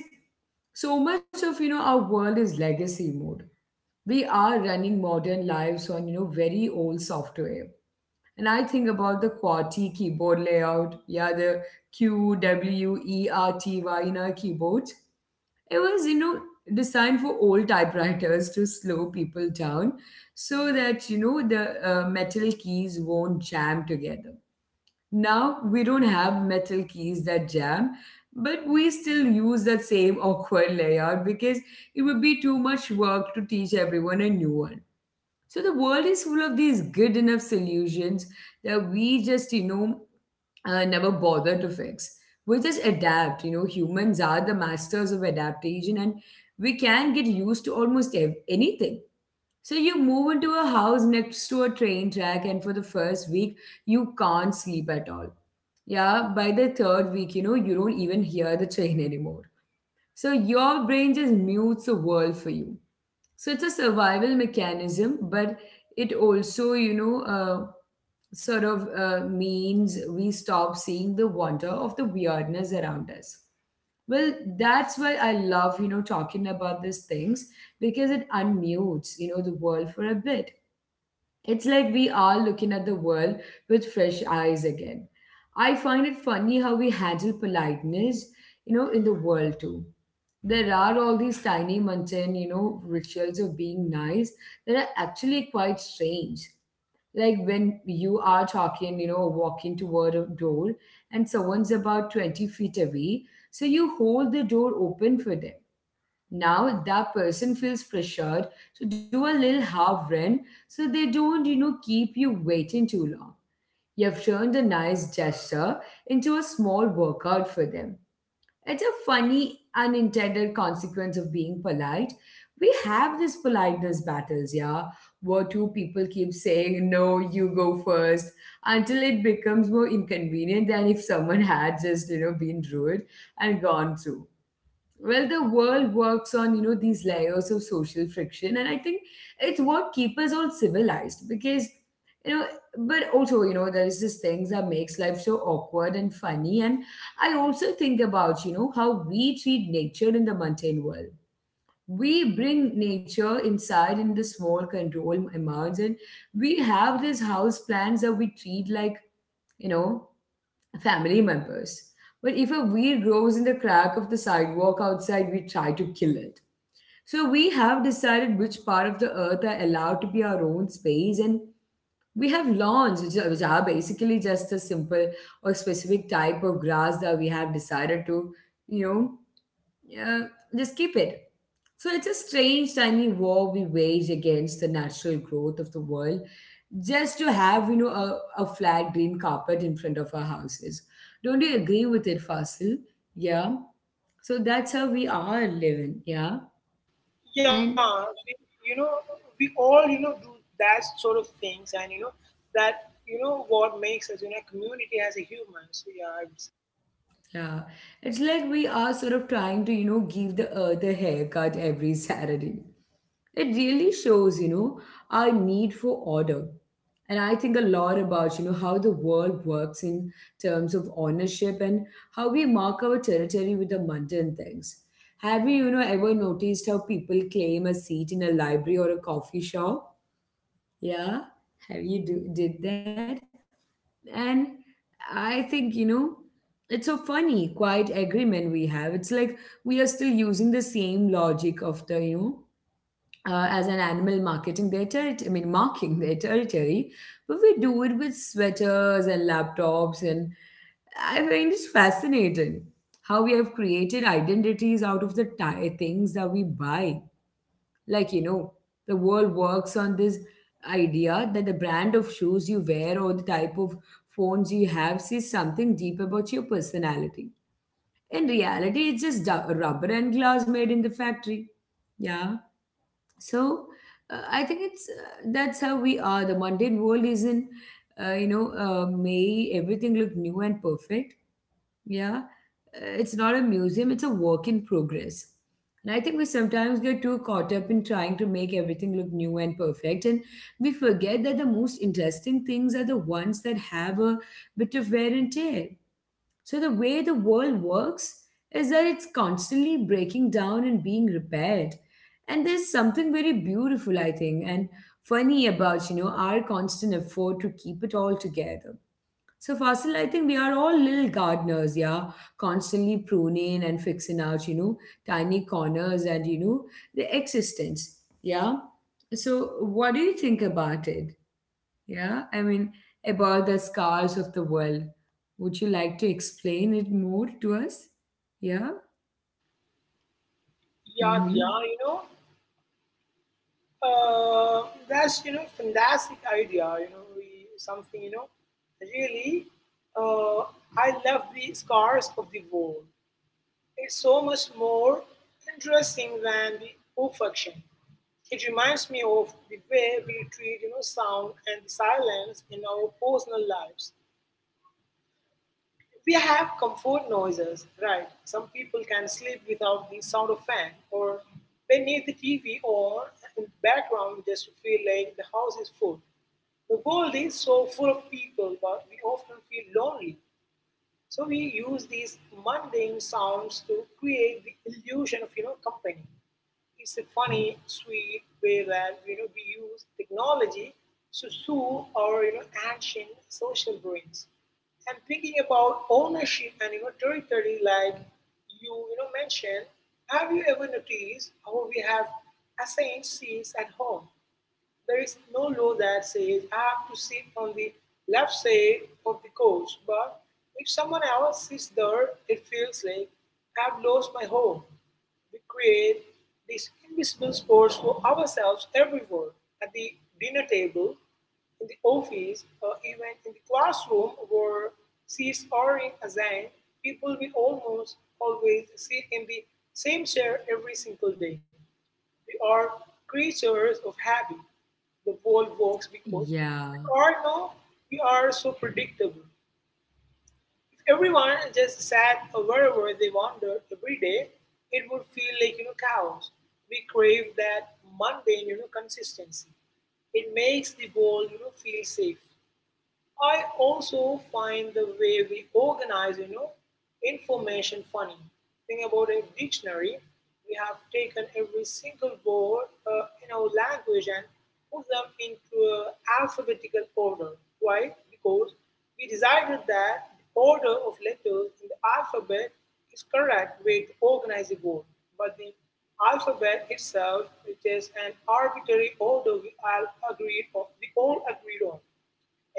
Speaker 1: so much of, you know, our world is legacy mode. We are running modern lives on, you know, very old software. And I think about the QWERTY keyboard layout, yeah, the QWERTY in our keyboards. It was, you know, designed for old typewriters to slow people down so that, you know, the metal keys won't jam together. Now we don't have metal keys that jam, but we still use that same awkward layout because it would be too much work to teach everyone a new one. So the world is full of these good enough solutions that we just, never bother to fix. We just adapt. You know, humans are the masters of adaptation, and we can get used to almost anything. So you move into a house next to a train track, and for the first week, you can't sleep at all. Yeah, by the third week, you know, you don't even hear the train [LAUGHS] anymore. So your brain just mutes the world for you. So it's a survival mechanism, but it also, means we stop seeing the wonder of the weirdness around us. Well, that's why I love, you know, talking about these things, because it unmutes, you know, the world for a bit. It's like we are looking at the world with fresh eyes again. I find it funny how we handle politeness, you know, in the world too. There are all these tiny mundane, you know, rituals of being nice that are actually quite strange. Like when you are you know, walking toward a door and someone's about 20 feet away, so you hold the door open for them. Now that person feels pressured to do a little half run so they don't, you know, keep you waiting too long. You have turned a nice gesture into a small workout for them. It's a funny unintended consequence of being polite. We have these politeness battles, yeah, where two people keep saying no, you go first, until it becomes more inconvenient than if someone had just, you know, been rude and gone through. Well, the world works on, you know, these layers of social friction, and I think it's what keeps us all civilized, because, you know, but also, you know, there's this things that makes life so awkward and funny. And I also think about, you know, how we treat nature in the mundane world. We bring nature inside in the small control amounts, and we have these house plants that we treat like, you know family members. But if a weed grows in the crack of the sidewalk outside, we try to kill it. So we have decided which part of the earth are allowed to be our own space, and we have lawns, which are basically just a simple or specific type of grass that we have decided to, you know, uh, just keep it. So it's a strange, tiny war we wage against the natural growth of the world, just to have, you know, a flat green carpet in front of our houses. Don't you agree with it, Fasil? Yeah. So that's how we are living. Yeah.
Speaker 2: Yeah,
Speaker 1: And
Speaker 2: we, you know, we all, you know, do that sort of things, and you know, that you know what makes us, you know, community as a human. So yeah, I would say.
Speaker 1: yeah, it's like we are sort of trying to, you know, give the earth a haircut every [LAUGHS] Saturday. It really shows, you know, our need for order. And I think a lot about, you know, how the world works in terms of ownership and how we mark our territory with the mundane things. Have you, you know, ever noticed how people claim a seat in a library or a coffee shop? Yeah, did that? And I think, you know, it's a funny, quiet agreement we have. It's like we are still using the same logic of you know, as an animal marketing their territory, I mean, marking their territory, but we do it with sweaters and laptops. And I find it fascinating how we have created identities out of the things that we buy. Like, you know, the world works on this idea that the brand of shoes you wear or the type of phones you have says something deep about your personality. In reality, it's just rubber and glass made in the factory. Yeah. So I think it's that's how we are. The mundane world isn't, may everything look new and perfect. Yeah. It's not a museum, it's a work in progress. And I think we sometimes get too caught up in trying to make everything look new and perfect, and we forget that the most interesting things are the ones that have a bit of wear and tear. So the way the world works is that it's constantly breaking down and being repaired. And there's something very beautiful, I think, and funny about, you know, our constant effort to keep it all together. So Fasil, I think we are all little gardeners, yeah, constantly pruning and fixing out, you know, tiny corners and, you know, the existence, yeah. So what do you think about it? Yeah, I mean, about the scars of the world. Would you like to explain it more to us? Yeah?
Speaker 2: Yeah, yeah,
Speaker 1: Mm-hmm.
Speaker 2: you know, uh, that's you know, fantastic idea. You know, something you know, really, uh, I love the scars of the world. It's so much more interesting than the perfection. It reminds me of the way we treat you know, sound and silence in our personal lives. We have comfort noises, right? Some people can sleep without the sound of fan or they need the TV or in the background just to feel like the house is full. The world is so full of people, but we often feel lonely. So we use these mundane sounds to create the illusion of company. It's a funny, sweet way that we use technology to soothe our ancient social brains. And thinking about ownership and territory, like you know mentioned, have you ever noticed how we have assigned seats at home? There is no law that says I have to sit on the left side of the coach, but if someone else sits there, it feels like I've lost my home. We create these invisible sports for ourselves everywhere, at the dinner table, in the office, or even in the classroom where seats are assigned. People, we almost always sit in the same chair every single day. We are creatures of habit. The world works because we
Speaker 1: Yeah.
Speaker 2: are no, we are so predictable. If everyone just sat wherever they wandered every day, it would feel like chaos. We crave that mundane consistency. It makes the world feel safe. I also find the way we organize, information funny. Think about a dictionary. We have taken every single word in our language and put them into a alphabetical order. Why? Because we decided that the order of letters in the alphabet is correct way to organize a word. But the alphabet itself is just an arbitrary order we all agreed on. We all agreed on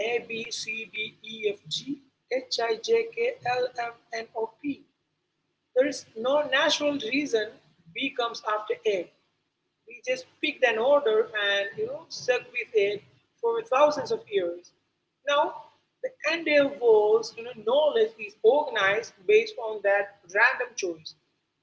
Speaker 2: A, B, C, D, E, F, G, H, I, J, K, L, M, N, O, P. There is no natural reason B comes after A. We just picked an order and stuck with it for thousands of years. Now, the entire world's knowledge is organized based on that random choice.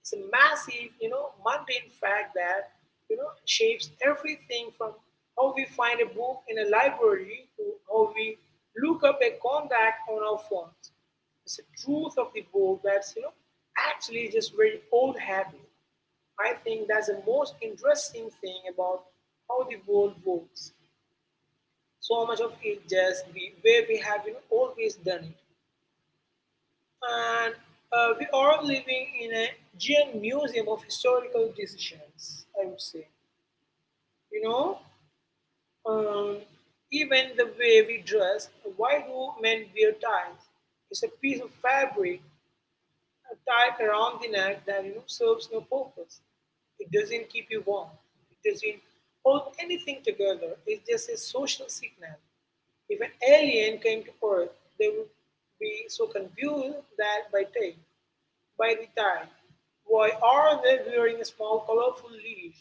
Speaker 2: It's a massive, mundane fact that shapes everything from how we find a book in a library to how we look up a contact on our phones. It's the truth of the world that's actually just very old habit. I think that's the most interesting thing about how the world works. So much of it just the way we have always done it. And we are living in a giant museum of historical decisions, I would say. You know, um, even the way we dress, why do men wear ties? It's a piece of fabric. A tie around the neck that serves no purpose. It doesn't keep you warm. It doesn't hold anything together. It's just a social signal. If an alien came to Earth, they would be so confused that by tie, by the tie, why are they wearing a small colorful leash?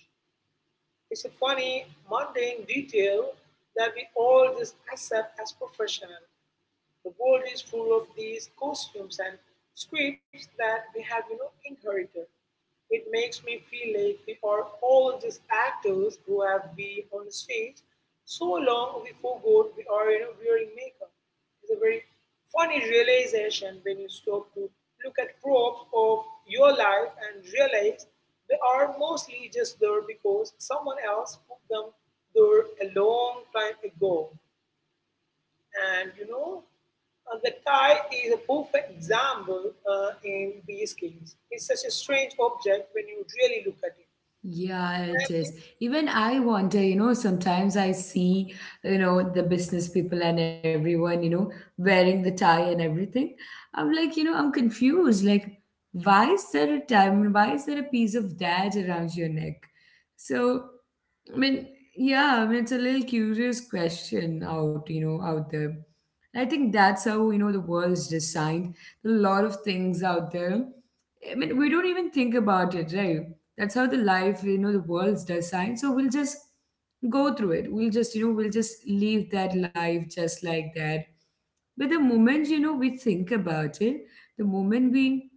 Speaker 2: It's a funny, mundane detail that we all just accept as professional. The world is full of these costumes and scripts that we have inherited. It makes me feel like we are all just actors who have been on the stage so long we forgot we are wearing makeup. It's a very funny realization when you stop to look at props of your life and realize they are mostly just there because someone else put them there a long time ago. And you know, the tie is a perfect example in these cases. It's such a strange object when you really look at it.
Speaker 1: Yeah, it
Speaker 2: And
Speaker 1: is.
Speaker 2: it-
Speaker 1: Even I wonder, you know, sometimes I see, you know, the business people and everyone, you know, wearing the tie and everything. I'm like, you know, I'm confused. Like, why is there a tie? I mean, why is there a piece of that around your neck? So I mean, yeah, I mean, it's a little curious question out, you know, out there. And I think that's how, you know, the world's designed. There are a lot of things out there. I mean, we don't even think about it, right? That's how the life, you know, the world's designed. So we'll just go through it. We'll just, we'll just live that life just like that. But the moment, you know, we think about it, the moment we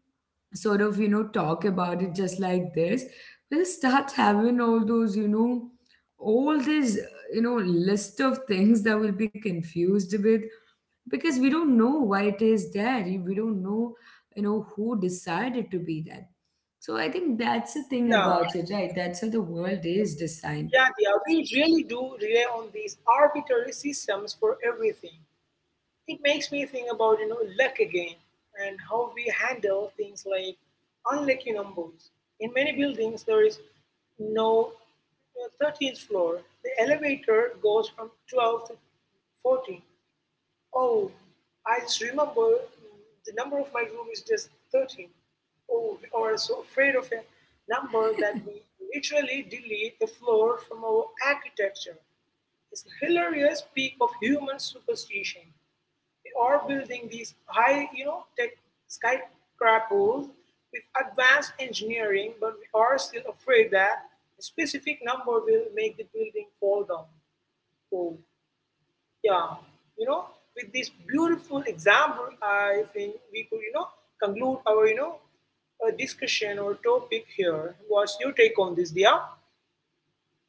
Speaker 1: sort of, you know, talk about it just like this, we'll start having all those, all this, you know, list of things that we'll be confused with, because we don't know why it is there, we don't know, you know, who decided to be that. So I think that's the thing
Speaker 2: yeah,
Speaker 1: about it, right? That's how the world is designed.
Speaker 2: yeah, we really do rely on these arbitrary systems for everything. It makes me think about luck again and how we handle things like unlucky numbers. In many buildings, there is no 13th floor. The elevator goes from 12 to 14. Oh, I just remember the number of my room is just 13. Oh, we are so afraid of a number that we literally delete the floor from our architecture. It's a hilarious peak of human superstition. We are building these high, tech skyscrapers with advanced engineering, but we are still afraid that a specific number will make the building fall down. Oh, yeah, you know, with this beautiful example, I think we could, you know, conclude our discussion or topic here. What's your take on this, Dia?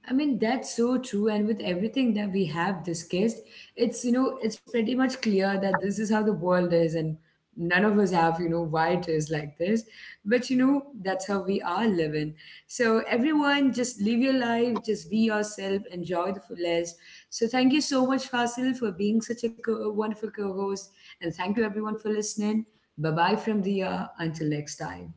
Speaker 1: I mean, that's so true. And with everything that we have discussed, it's, you know, it's pretty much clear that this is how the world is. And none of us have, you know, why it is like this. But, you know, that's how we are living. So, everyone, just live your life, just be yourself, enjoy the fullest. So, thank you so much, Fasil, for being such a wonderful co host. And thank you, everyone, for listening. Bye bye from the year. Until next time.